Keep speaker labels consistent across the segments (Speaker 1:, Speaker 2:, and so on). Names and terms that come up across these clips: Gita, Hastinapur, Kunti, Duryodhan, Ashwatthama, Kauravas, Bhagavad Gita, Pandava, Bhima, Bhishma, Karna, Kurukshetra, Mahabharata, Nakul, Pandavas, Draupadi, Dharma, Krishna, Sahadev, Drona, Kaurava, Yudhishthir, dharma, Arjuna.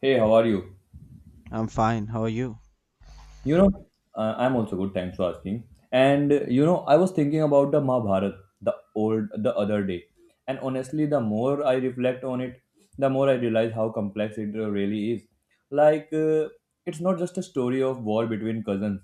Speaker 1: Hey, how are you?
Speaker 2: I'm fine. How are you?
Speaker 1: You know, I'm also good. Thanks for asking. And I was thinking about the Mahabharat the other day, and honestly, the more I reflect on it, the more I realize how complex it really is. Like, it's not just a story of war between cousins.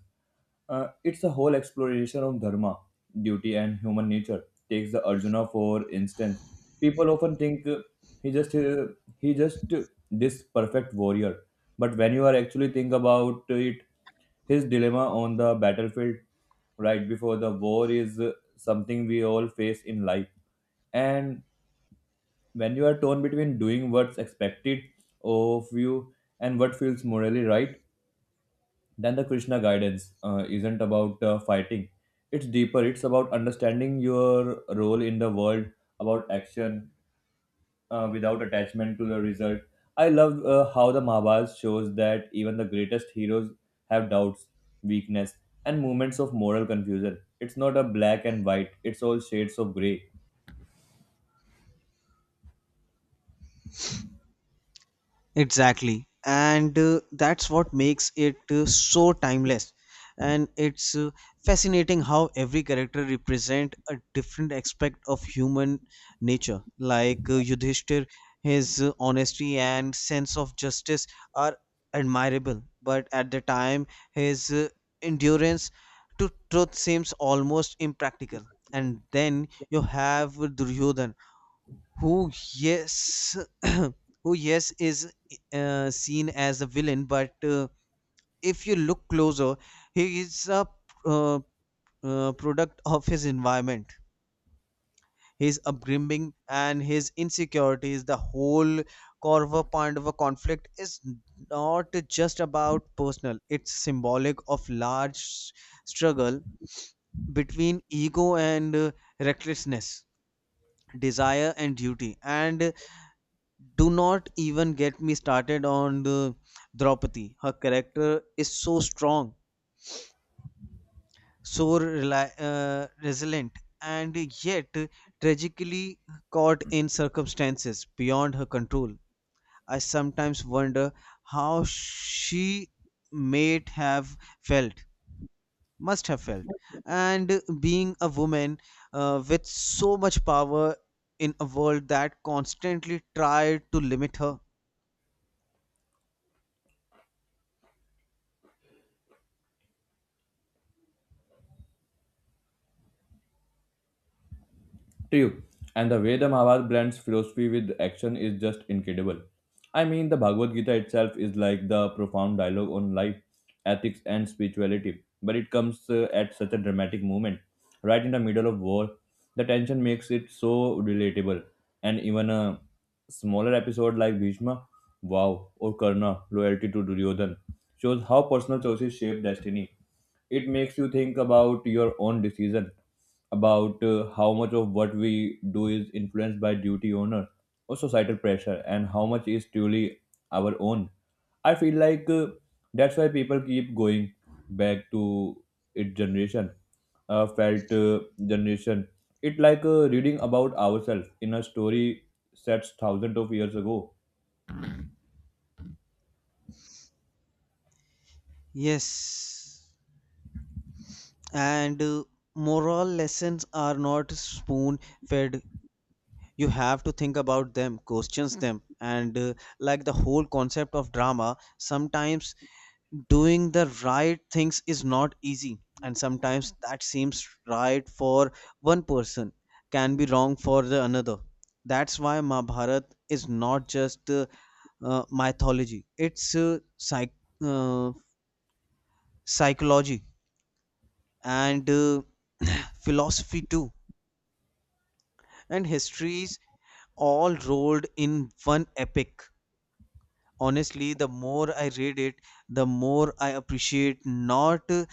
Speaker 1: It's a whole exploration of dharma, duty, and human nature. Takes the Arjuna for instance. People often think he just uh, he just this perfect warrior, but when you are actually think about it, his dilemma on the battlefield right before the war is something we all face in life. And when you are torn between doing what's expected of you and what feels morally right, then the Krishna guidance isn't about fighting. It's deeper, it's about understanding your role in the world, about action, without attachment to the result. I love how the Mahabharata shows that even the greatest heroes have doubts, weakness, and moments of moral confusion. It's not a black and white, it's all shades of grey.
Speaker 2: Exactly. And that's what makes it so timeless. And it's fascinating how every character represent a different aspect of human nature. Like Yudhishthir, his honesty and sense of justice are admirable, but at the time, his endurance to truth seems almost impractical. And then you have Duryodhan who yes who yes is seen as a villain but if you look closer he is a uh, product of his environment, his upbringing and his insecurities. The whole kaurava pandava conflict is not just about personal, it's symbolic of struggle between ego and recklessness, desire and duty. And do not even get me started on the Draupadi. Her character is so strong, so resilient, and yet tragically caught in circumstances beyond her control. I sometimes wonder how she might have felt, must have felt, and being a woman with so much power in a world that constantly tried to limit her.
Speaker 1: True. And the way the Mahabharata blends philosophy with action is just incredible. I mean, the Bhagavad Gita itself is like the profound dialogue on life, ethics, and spirituality. But it comes at such a dramatic moment, right in the middle of war. The tension makes it so relatable. And even a smaller episode like Bhishma, wow, or Karna, loyalty to Duryodhan, shows how personal choices shape destiny. It makes you think about your own decision about how much of what we do is influenced by duty honor, or societal pressure and how much is truly our own. I feel like that's why people keep going back to its generation felt generation, it like reading about ourselves in a story set thousands of years ago.
Speaker 2: Yes. And moral lessons are not spoon fed. You have to think about them, questions them, and like the whole concept of drama. Sometimes doing the right things is not easy, and sometimes that seems right for one person can be wrong for the another. That's why mahabharat is not just mythology, it's uh, psychology and philosophy too, and histories, all rolled in one epic. Honestly, the more I read it, the more I appreciate not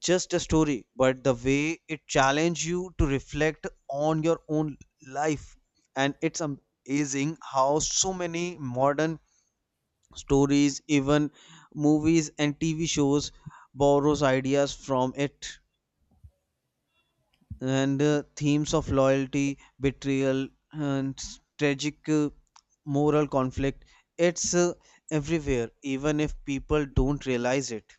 Speaker 2: just a story, but the way it challenges you to reflect on your own life. And it's amazing how so many modern stories, even movies and TV shows, borrows ideas from it. And themes of loyalty, betrayal, and tragic moral conflict. It's everywhere, even if people don't realize it.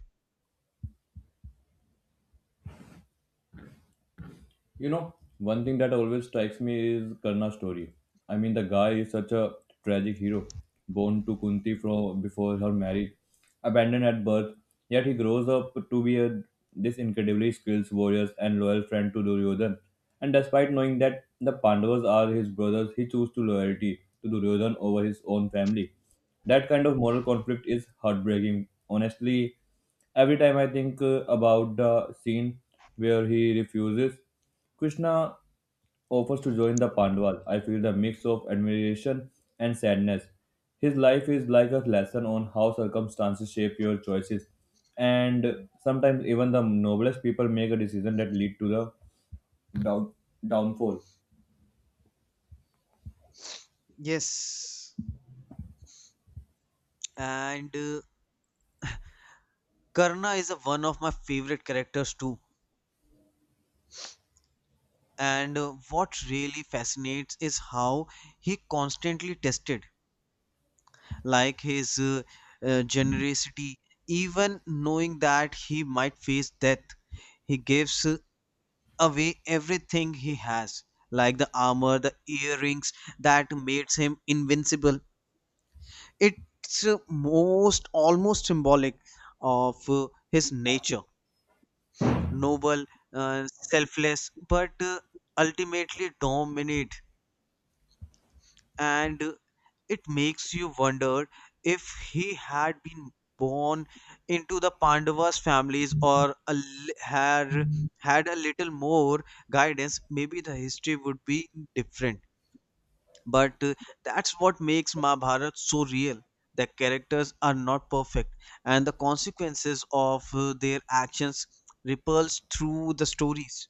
Speaker 1: You know, one thing that always strikes me is Karna's story. I mean, the guy is such a tragic hero, born to Kunti from before her marriage, abandoned at birth, yet he grows up to be a this incredibly skilled warrior and loyal friend to Duryodhan. And despite knowing that the Pandavas are his brothers, he chose to loyalty to Duryodhan over his own family. That kind of moral conflict is heartbreaking. Honestly, every time I think about the scene where he refuses. Krishna offers to join the Pandavas. I feel the mix of admiration and sadness. His life is like a lesson on how circumstances shape your choices, and sometimes even the noblest people make a decision that lead to the down- downfall.
Speaker 2: Yes, and Karna is a, one of my favorite characters too. And what really fascinates is how he constantly tested, like his generosity, even knowing that he might face death. He gives away everything he has, like the armor, the earrings that makes him invincible. It's most almost symbolic of his nature, noble, selfless, but ultimately dominant. And it makes you wonder if he had been born into the Pandavas' families or had had a little more guidance, maybe the history would be different. But that's what makes Mahabharata so real. The characters are not perfect, and the consequences of their actions ripples through the stories.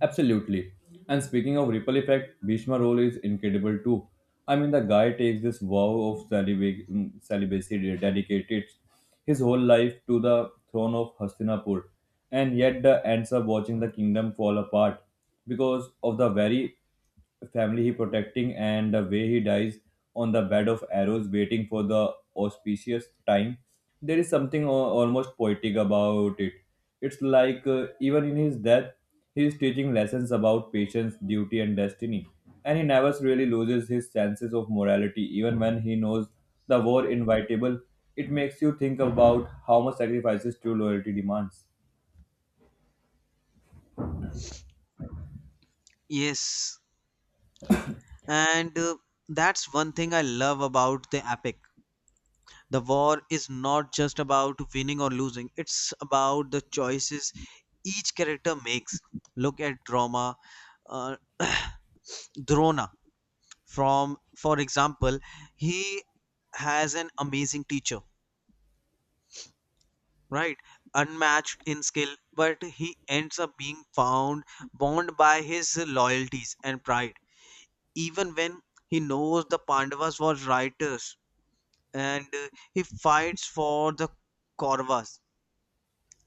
Speaker 1: Absolutely. And speaking of ripple effect, Bhishma role is incredible too. I mean, the guy takes this vow of celibacy, mm, celibacy, dedicated his whole life to the throne of Hastinapur, and yet the ends up watching the kingdom fall apart because of the very family he protecting, and the way he dies on the bed of arrows waiting for the auspicious time, there is something almost poetic about it. It's like even in his death he is teaching lessons about patience duty and destiny, and he never really loses his senses of morality even when he knows the war inevitable. It makes you think about how much sacrifices true loyalty demands.
Speaker 2: Yes, and that's one thing I love about the epic. The war is not just about winning or losing, it's about the choices each character makes. Look at uh, Drona. From, for example, he has an amazing teacher, right, unmatched in skill, but he ends up being found bound by his loyalties and pride, even when he knows the pandavas were writers, and he fights for the kauravas.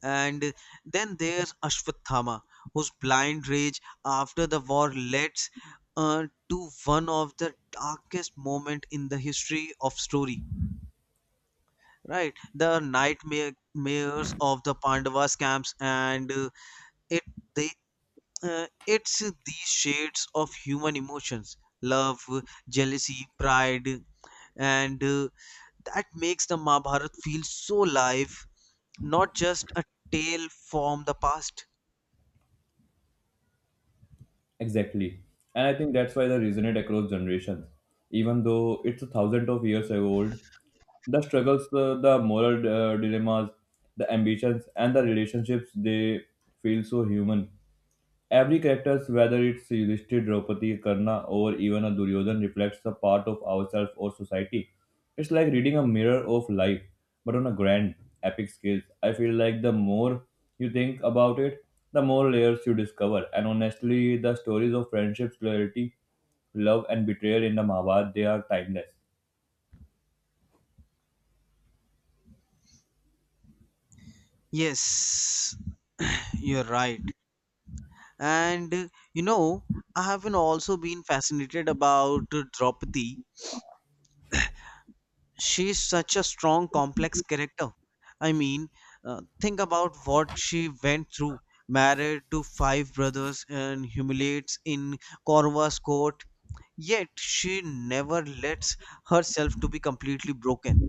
Speaker 2: And then there's ashwatthama whose blind rage after the war leads to one of the darkest moment in the history of story, right, the nightmares of the pandavas camps. And it they uh, it's these shades of human emotions, love, jealousy, pride, and that makes the mahabharat feel so live, not just a tale from the past.
Speaker 1: Exactly. And I think that's why they resonate across generations. Even though it's a thousand of years ago old, the struggles, the moral dilemmas, the ambitions, and the relationships, they feel so human. Every character, whether it's Yudhishthir, Draupadi, Karna, or even a Duryodhan, reflects a part of ourselves or society. It's like reading a mirror of life, but on a grand, epic scale. I feel like the more you think about it, the more layers you discover. And honestly, the stories of friendships, loyalty, love, and betrayal in the Mahabharata they are timeless.
Speaker 2: Yes, you're right. And you know, I have been also been fascinated about draupadi. She's such a strong complex character. I mean, think about what she went through, married to five brothers and humiliates in corva's court, yet she never lets herself to be completely broken.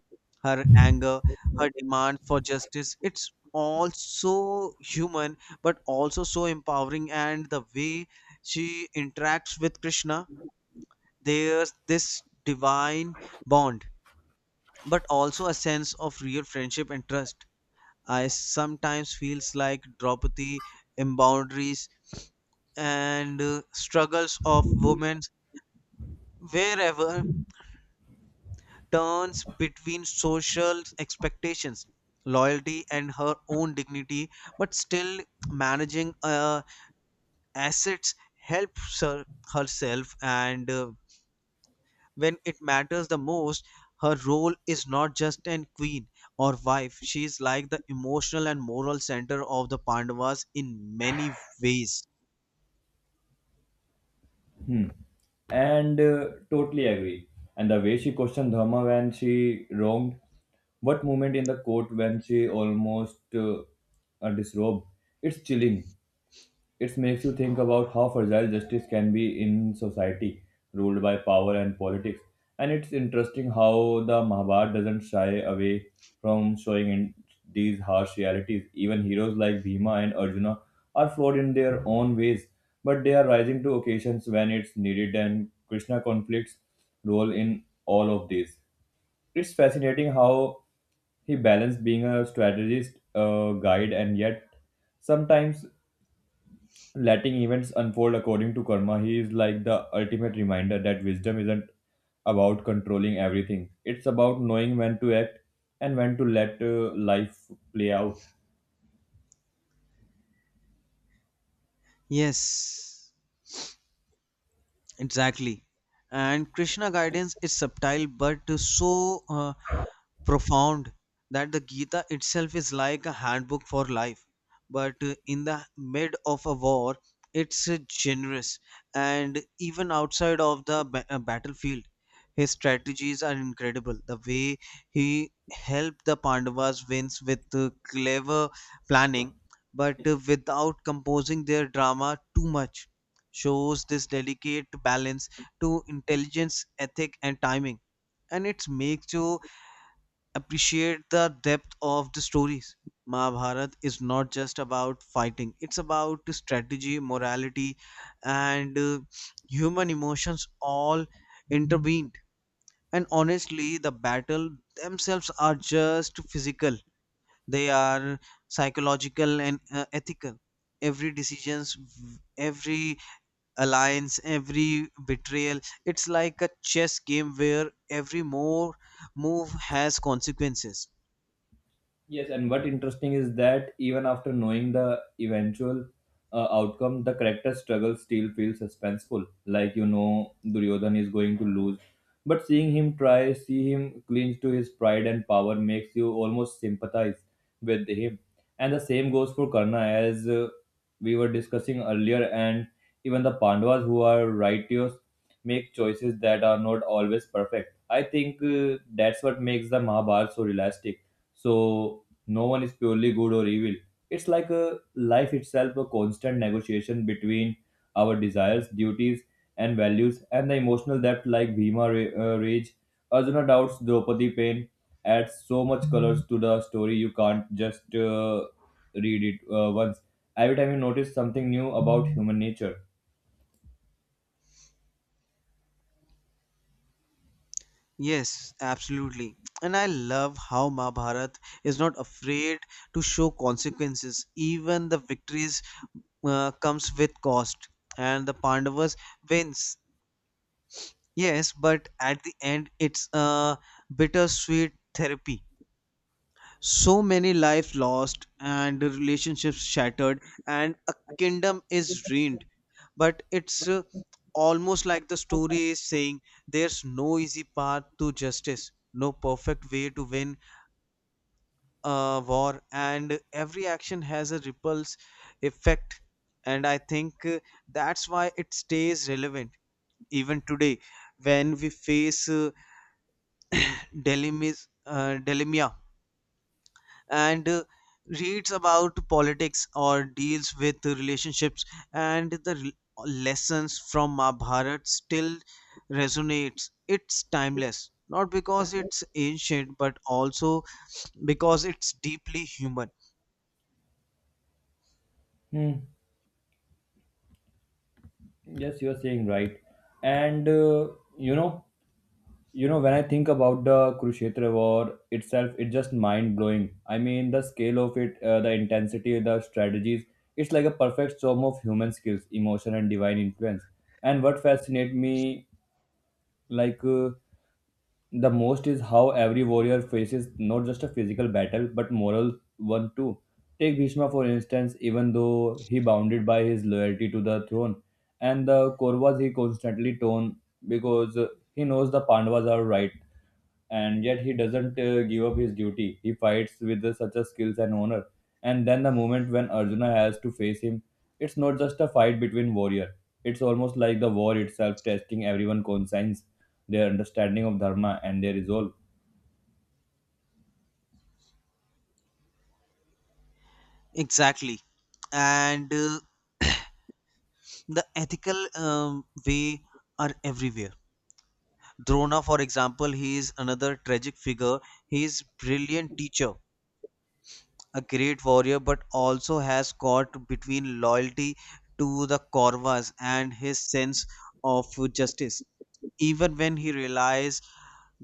Speaker 2: Her anger, her demand for justice, it's all so human, but also so empowering. And the way she interacts with krishna, there's this divine bond, but also a sense of real friendship and trust. I sometimes feels like Draupadi in boundaries and struggles of women wherever turns between social expectations, loyalty, and her own dignity, but still managing assets helps her herself, and when it matters the most, her role is not just an queen or wife. She is like the emotional and moral center of the pandavas in many ways.
Speaker 1: Hmm. And totally agree. And the way she questioned Dharma when she wronged, what moment in the court when she almost disrobed, it's chilling. It makes you think about how fragile justice can be in society ruled by power and politics. And it's interesting how the Mahabharata doesn't shy away from showing in these harsh realities. Even heroes like Bhima and Arjuna are flawed in their own ways, but they are rising to occasions when it's needed, and Krishna conflicts role in all of these. It's fascinating how he balanced being a strategist, a guide, and yet sometimes letting events unfold according to karma. He is like the ultimate reminder that wisdom isn't about controlling everything. It's about knowing when to act and when to let life play out.
Speaker 2: Yes, exactly. And krishna guidance is subtle but so profound, that the Gita itself is like a handbook for life. But in the mid of a war, it's generous. And even outside of the battlefield, his strategies are incredible. The way he helped the Pandavas wins with clever planning, but without composing their drama too much, shows this delicate balance to intelligence, ethic, and timing. And it makes you appreciate the depth of the stories. Mahabharata is not just about fighting, it's about strategy, morality, and human emotions all intervened. And honestly, the battle themselves are just physical, they are psychological and ethical. Every decisions, every alliance, every betrayal, it's like a chess game where every more move has consequences.
Speaker 1: Yes, and what interesting is that even after knowing the eventual outcome, the character's struggle still feels suspenseful. Like you know, Duryodhan is going to lose, but seeing him try, see him cling to his pride and power makes you almost sympathize with him. And the same goes for Karna, as we were discussing earlier, and even the Pandavas who are righteous make choices that are not always perfect. I think that's what makes the Mahabharata so realistic, so no one is purely good or evil. It's like a life itself, a constant negotiation between our desires duties and values. And the emotional depth like Bhima rage, Arjuna doubts, Draupadi pain, adds so much colors to the story. You can't just read it once, every time you notice something new about human nature.
Speaker 2: Yes, absolutely. And I love how Mahabharat is not afraid to show consequences. Even the victories comes with cost, and the Pandavas wins. Yes, but at the end, it's a bittersweet therapy. So many lives lost and relationships shattered, and a kingdom is ruined. But it's almost like the story is saying there's no easy path to justice, no perfect way to win a war, and every action has a ripples effect. And I think that's why it stays relevant even today, when we face dilemma, and reads about politics or deals with relationships. And the lessons from Mahabharat still resonates. It's timeless, not because it's ancient, but also because it's deeply human.
Speaker 1: Hmm. Yes you're saying right. And uh, you know you know, when I think about the Kurukshetra war itself, it's just mind blowing. I mean, the scale of it, the intensity, the strategies, it's like a perfect storm of human skills, emotion, and divine influence. And what fascinates me, like, uh, the most is how every warrior faces not just a physical battle, but moral one too. Take Bhishma, for instance, even though he bounded by his loyalty to the throne, and the Kauravas he constantly torn because he knows the Pandavas are right and yet he doesn't give up his duty. He fights with such a skills and honor. And then the moment when Arjuna has to face him, it's not just a fight between warrior. It's almost like the war itself testing everyone' conscience, their understanding of dharma and their resolve.
Speaker 2: Exactly. And the ethical way are everywhere. Drona, for example, he is another tragic figure. He is brilliant teacher, a great warrior, but also has caught between loyalty to the Kauravas and his sense of justice. Even when he realizes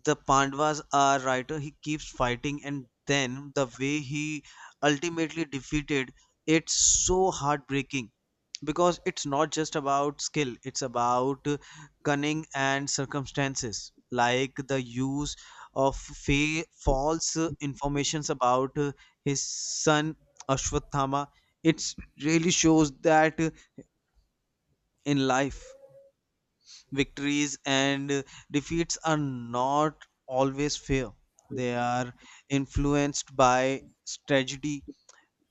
Speaker 2: the Pandavas are right, he keeps fighting, and then the way he ultimately defeated, it's so heartbreaking, because it's not just about skill, it's about cunning and circumstances, like the use of false informations about his son Ashwatthama. It really shows that in life victories and defeats are not always fair. They are influenced by strategy,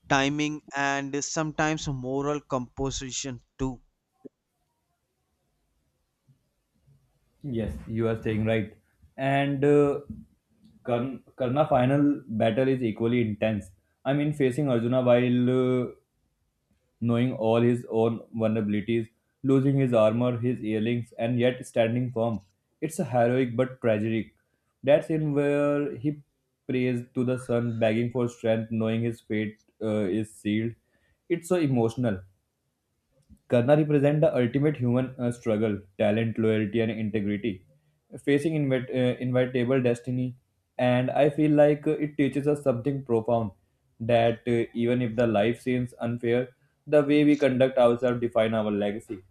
Speaker 2: timing, and sometimes moral composition too.
Speaker 1: Yes, you are saying right. And Karna final battle is equally intense. I mean, facing Arjuna while knowing all his own vulnerabilities, losing his armor, his earrings, and yet standing firm. It's a heroic but tragic. That scene where he prays to the sun, begging for strength, knowing his fate is sealed. It's so emotional. Karna represents the ultimate human struggle, talent, loyalty, and integrity, facing inevitable destiny. And I feel like it teaches us something profound that even if the life seems unfair, the way we conduct ourselves define our legacy.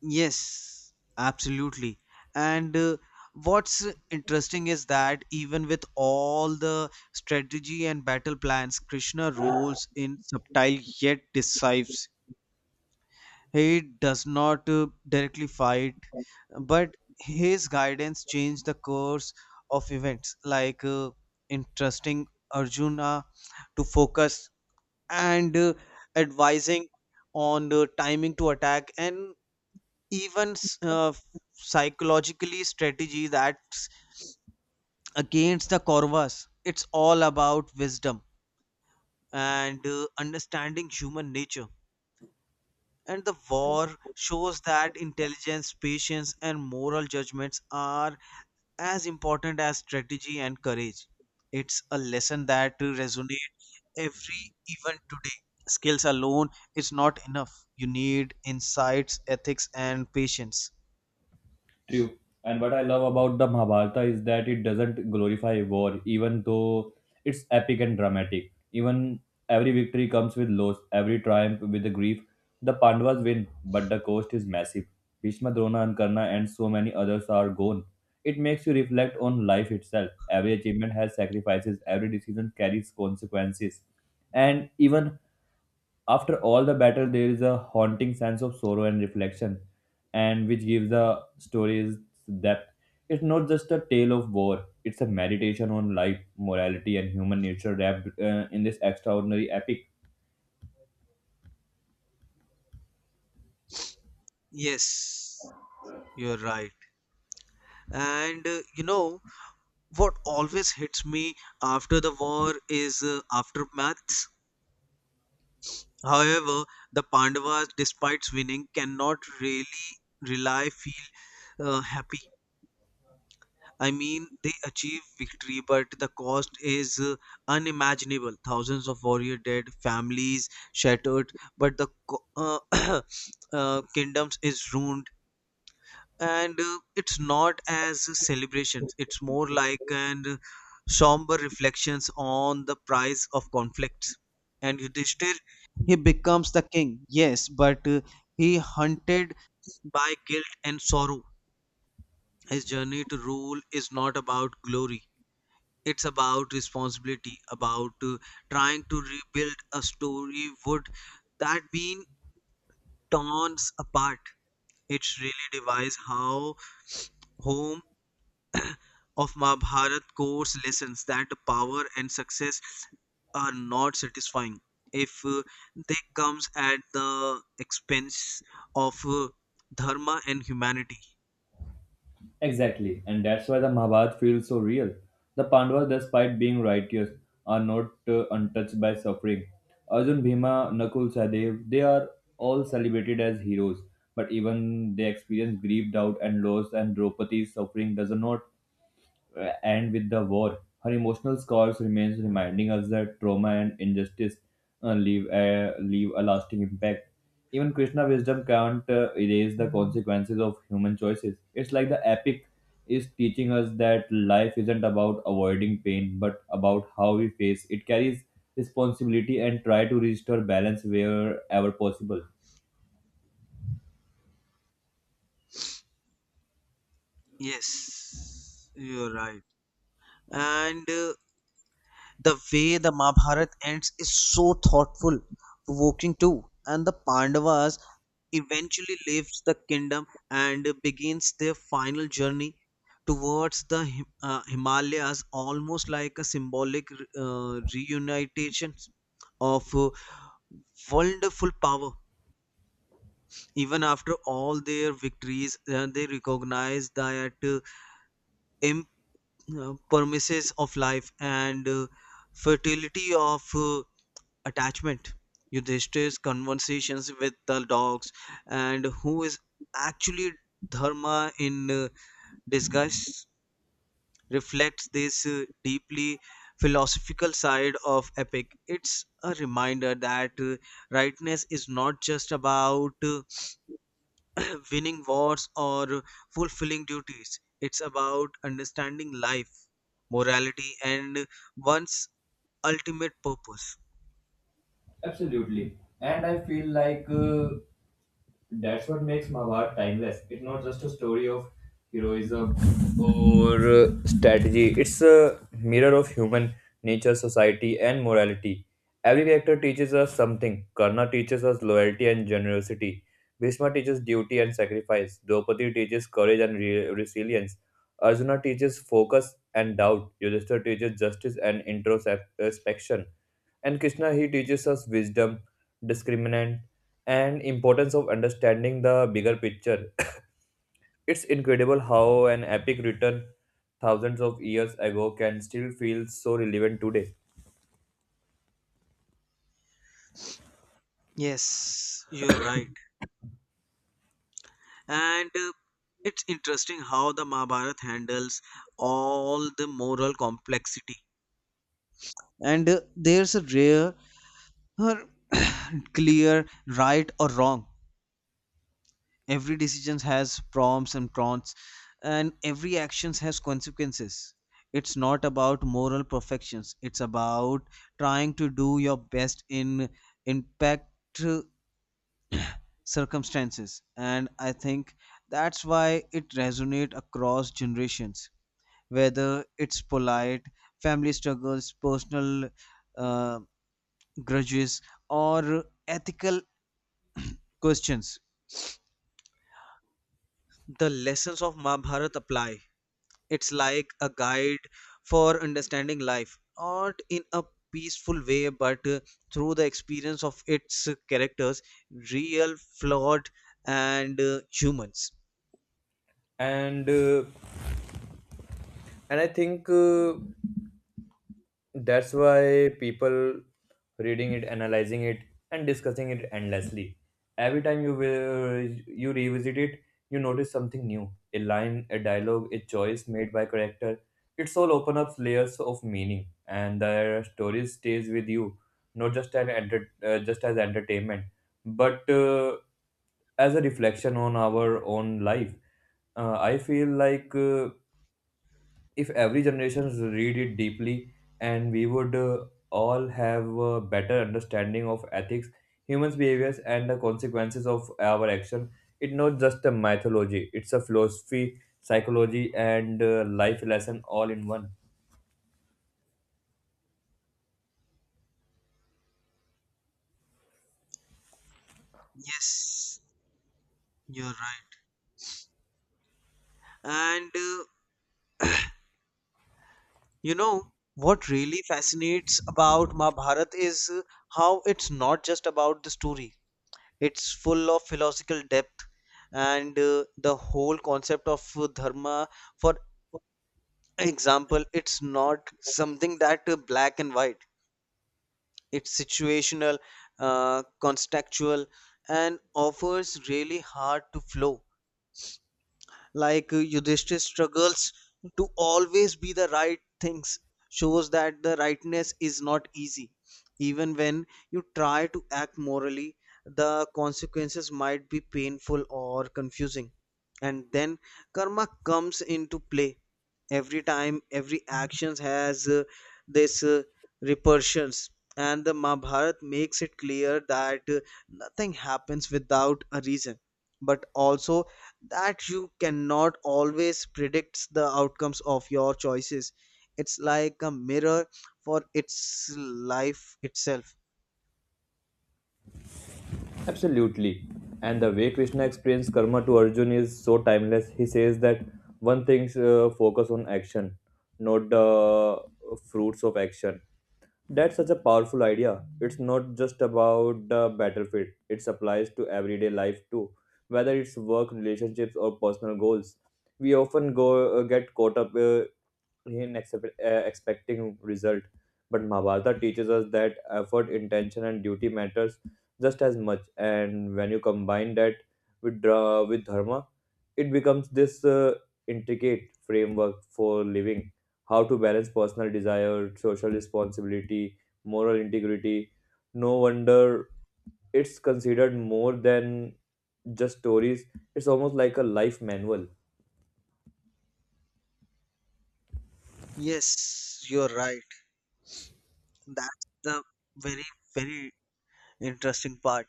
Speaker 2: Yes, absolutely. And what's interesting is that even with all the strategy and battle plans, Krishna rules in subtle yet decisive. He does not directly fight, but his guidance changed the course of events, like entrusting Arjuna to focus, and advising on the timing to attack, and even uh, psychologically strategy that's against the Kauravas. It's all about wisdom and understanding human nature. And the war shows that intelligence, patience, and moral judgments are as important as strategy and courage. It's a lesson that resonates every even today. Skills alone is not enough. You need insights, ethics, and patience.
Speaker 1: True. And what I love about the Mahabharata is that it doesn't glorify war, even though it's epic and dramatic. Even every victory comes with loss, every triumph with the grief. The Pandavas win, but the cost is massive. Bhishma, Drona, and Karna, and so many others are gone. It makes you reflect on life itself. Every achievement has sacrifices, every decision carries consequences. And even after all the battle, there is a haunting sense of sorrow and reflection, and which gives the stories depth. It's not just a tale of war; it's a meditation on life, morality, and human nature wrapped in this extraordinary epic.
Speaker 2: Yes, you're right. And you know what always hits me after the war is aftermath. However, the Pandavas, despite winning, cannot really rely feel happy. I mean, they achieve victory, but the cost is unimaginable. Thousands of warrior dead, families shattered, but the kingdoms is ruined. And it's not as celebrations, it's more like an somber reflections on the price of conflicts. And yudhishthir, he becomes the king, yes, but he hunted by guilt and sorrow. His journey to rule is not about glory, it's about responsibility, about trying to rebuild a story would that been torn apart. It's really device how home of Mahabharat course lessons that power and success are not satisfying if they comes at the expense of dharma and humanity.
Speaker 1: Exactly, and that's why the Mahabharata feels so real. The Pandavas, despite being righteous, are not untouched by suffering. Arjun, Bhima, Nakul, sahadev they are all celebrated as heroes, but even they experience grief, doubt, and loss, and Draupadi's suffering does not and with the war. Her emotional scars remains reminding us that trauma and injustice leave a leave a lasting impact. Even Krishna wisdom can't erase the consequences of human choices. It's like the epic is teaching us that life isn't about avoiding pain, but about how we face it. Carries responsibility and try to restore balance wherever possible.
Speaker 2: Yes, you're right. And the way the Mahabharata ends is so thoughtful, provoking too. And the Pandavas eventually leaves the kingdom and begins their final journey towards the Himalayas, almost like a symbolic reunification of wonderful power. Even after all their victories, they recognize that imp- promises of life and fertility of attachment. Yudhishthir's conversations with the dogs, and who is actually dharma in disguise, reflects this deeply philosophical side of epic. It's a reminder that rightness is not just about winning wars or fulfilling duties, it's about understanding life, morality, and one's ultimate purpose.
Speaker 1: Absolutely. And I feel like that's what makes Mahabharata timeless. It's not just a story of heroism or strategy, it's a mirror of human nature, society, and morality. Every character teaches us something. Karna teaches us loyalty and generosity. Bhishma teaches duty and sacrifice. Draupadi teaches courage and resilience. Arjuna teaches focus and doubt. Yudhishthir teaches justice and introspection. And Krishna, he teaches us wisdom, discriminant, and importance of understanding the bigger picture. It's incredible how an epic written thousands of years ago can still feel so relevant today.
Speaker 2: Yes, you're right. And it's interesting how the Mahabharata handles all the moral complexity. And there's a rare or clear right or wrong. Every decision has prompts and cons, and every action has consequences. It's not about moral perfections, it's about trying to do your best in impact uh, circumstances. And I think that's why it resonates across generations, whether it's polite, family struggles, personal uh, grudges, or ethical questions. The lessons of Mahabharata apply. It's like a guide for understanding life, not in a peaceful way, but through the experience of its characters, real, flawed, and humans.
Speaker 1: And uh, and I think. That's why people reading it, analyzing it, and discussing it endlessly. Every time you will you revisit it you notice something new, a line, a dialogue, a choice made by character. It's all open up layers of meaning and the story stays with you, not just as just as entertainment, but as a reflection on our own life. I feel like if every generation read it deeply, and we would all have a better understanding of ethics, humans behaviors, and the consequences of our action. It's not just a mythology, it's a philosophy, psychology, and life lesson all in one.
Speaker 2: Yes, you're right. And You know, what really fascinates about Mahabharata is how it's not just about the story. It's full of philosophical depth and the whole concept of dharma. For example, it's not something that black and white. It's situational, contextual, and offers really hard to flow. Like Yudhishthir struggles to always be the right things shows that the rightness is not easy even when you try to act morally, the consequences might be painful or confusing. And then karma comes into play. Every time, every action has this repercussions, and the Mahabharata makes it clear that nothing happens without a reason, but also that you cannot always predict the outcomes of your choices. It's like a mirror for its life itself.
Speaker 1: Absolutely. And the way Krishna explains karma to Arjun is so timeless. He says that one thing, focus on action, not the fruits of action. That's such a powerful idea. It's not just about the battlefield, it applies to everyday life too, whether it's work, relationships, or personal goals. We often go get caught up in expecting result, but Mahabharata teaches us that effort, intention, and duty matters just as much. And when you combine that with dharma, it becomes this intricate framework for living, how to balance personal desire, social responsibility, moral integrity. No wonder it's considered more than just stories, it's almost like a life manual.
Speaker 2: Yes, you're right. That's the very very interesting part.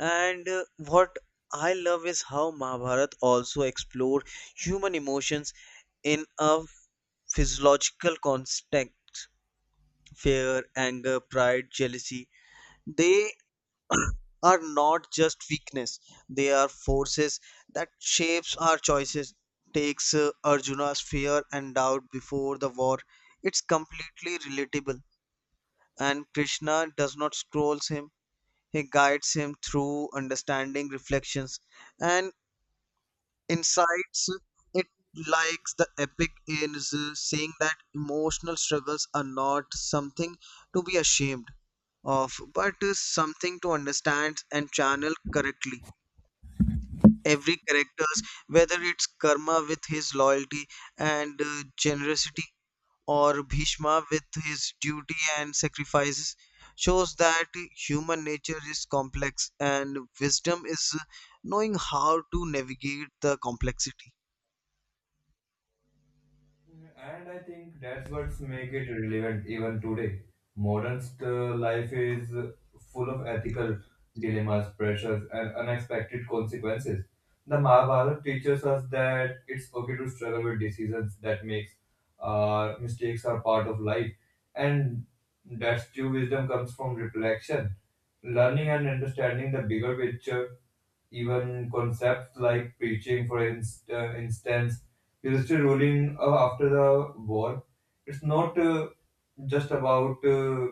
Speaker 2: And what I love is how Mahabharat also explored human emotions in a physiological context. Fear, anger, pride, jealousy, they are not just weakness, they are forces that shapes our choices. Takes Arjuna's fear and doubt before the war. It's completely relatable, and Krishna does not scolds him. He guides him through understanding, reflections, and insights. It likes the epic is saying that emotional struggles are not something to be ashamed of, but is something to understand and channel correctly. Every characters, whether it's Karma with his loyalty and generosity, or Bhishma with his duty and sacrifices, shows that human nature is complex and wisdom is knowing how to navigate the complexity.
Speaker 1: And I think that's what's make it relevant even today. Modern life is full of ethical dilemmas, pressures, and unexpected consequences. The Mahabharata teaches us that it's okay to struggle with decisions that makes mistakes are part of life, and that's true wisdom comes from reflection, learning, and understanding the bigger picture. Even concepts like preaching, for instance, he was still ruling after the war. It's not just about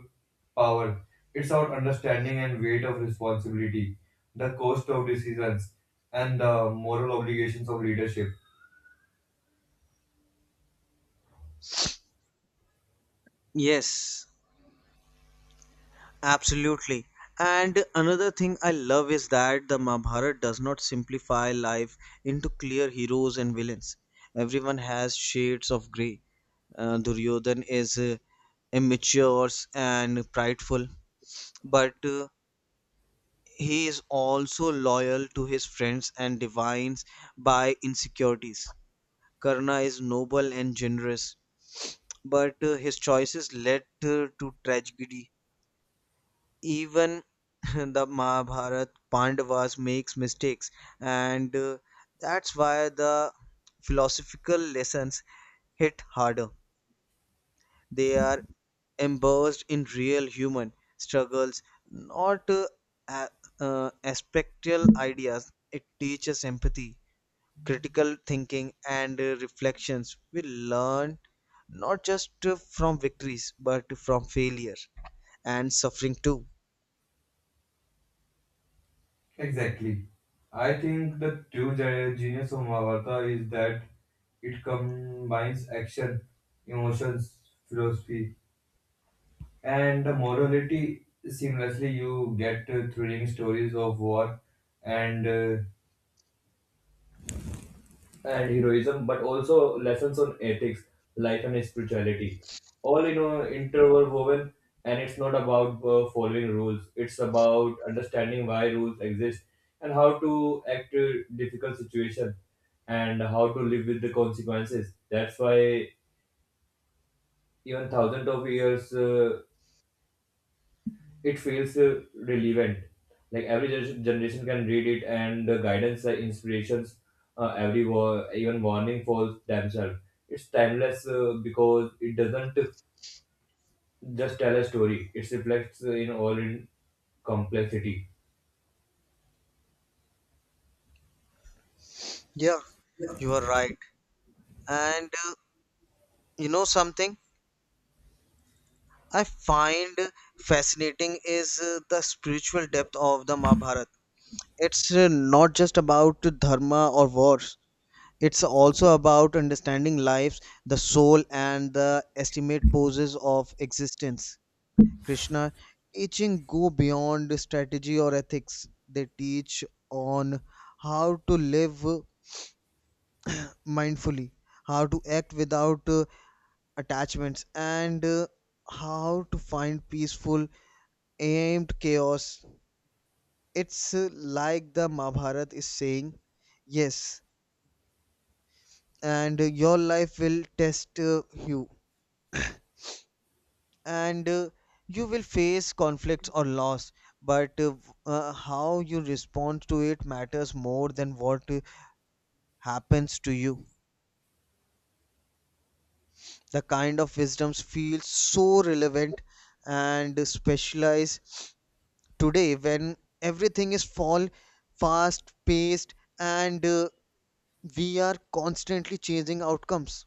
Speaker 1: power, it's about understanding and weight of responsibility, the cost of decisions, and the moral obligations of leadership.
Speaker 2: Yes, absolutely. And another thing I love is that the Mahabharata does not simplify life into clear heroes and villains. Everyone has shades of grey. Duryodhan is immature and prideful, but he is also loyal to his friends and divines by insecurities. Karna is noble and generous, but his choices led to tragedy. Even the Mahabharata Pandavas makes mistakes, and that's why the philosophical lessons hit harder. They are immersed in real human struggles, not a- aspectual ideas. It teaches empathy, critical thinking, and reflections. We learn not just from victories, but from failure and suffering too.
Speaker 1: Exactly. I think the true genius of Mahabharata is that it combines action, emotions, philosophy, and the morality seamlessly. You get thrilling stories of war and uh, and heroism, but also lessons on ethics, life, and spirituality. All in a interwoven, and it's not about following rules. It's about understanding why rules exist and how to act in difficult situations and how to live with the consequences. That's why even thousands of years, it feels relevant. Like every generation can read it, and the guidance, the inspirations, every war even warning for themselves. It's timeless, because it doesn't just tell a story, it reflects in all in complexity.
Speaker 2: Yeah, you are right. And you know something I find fascinating is the spiritual depth of the Mahabharata. It's not just about dharma or wars, it's also about understanding lives, the soul, and the estimate poses of existence. Krishna teaching go beyond strategy or ethics. They teach on how to live mindfully, how to act without attachments, and how to find peaceful aimed chaos. It's like the Mahabharata is saying yes, and your life will test you, and you will face conflicts or loss. But how you respond to it matters more than what happens to you. The kind of wisdoms feels so relevant and specialized today, when everything is fall fast paced, and we are constantly chasing outcomes.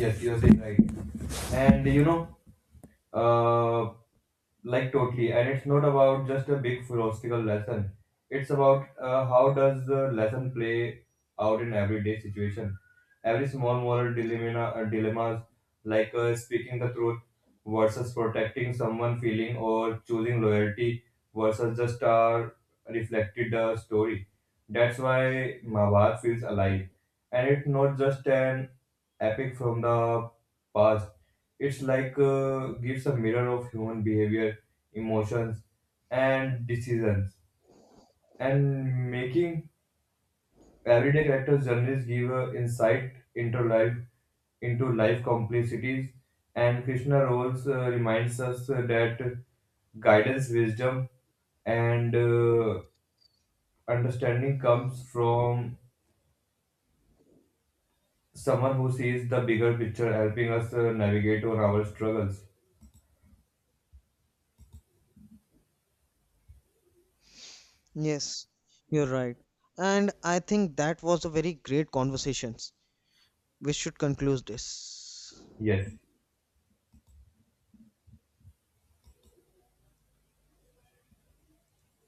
Speaker 1: Yes, you're saying right. And you know, uh, like totally. And it's not about just a big philosophical lesson, it's about how does the lesson play out in everyday situation. Every small moral dilemmas like speaking the truth versus protecting someone feeling, or choosing loyalty versus just a reflected story. That's why Mahabharata feels alive, and it's not just an epic from the past. It's like gives a mirror of human behavior, emotions, and decisions, and making everyday characters' journeys give a insight into life complexities. And Krishna roles reminds us that guidance, wisdom, and understanding comes from someone who sees the bigger picture, helping us navigate on our struggles.
Speaker 2: Yes, you're right. And I think that was a very great conversation. We should conclude this.
Speaker 1: Yes.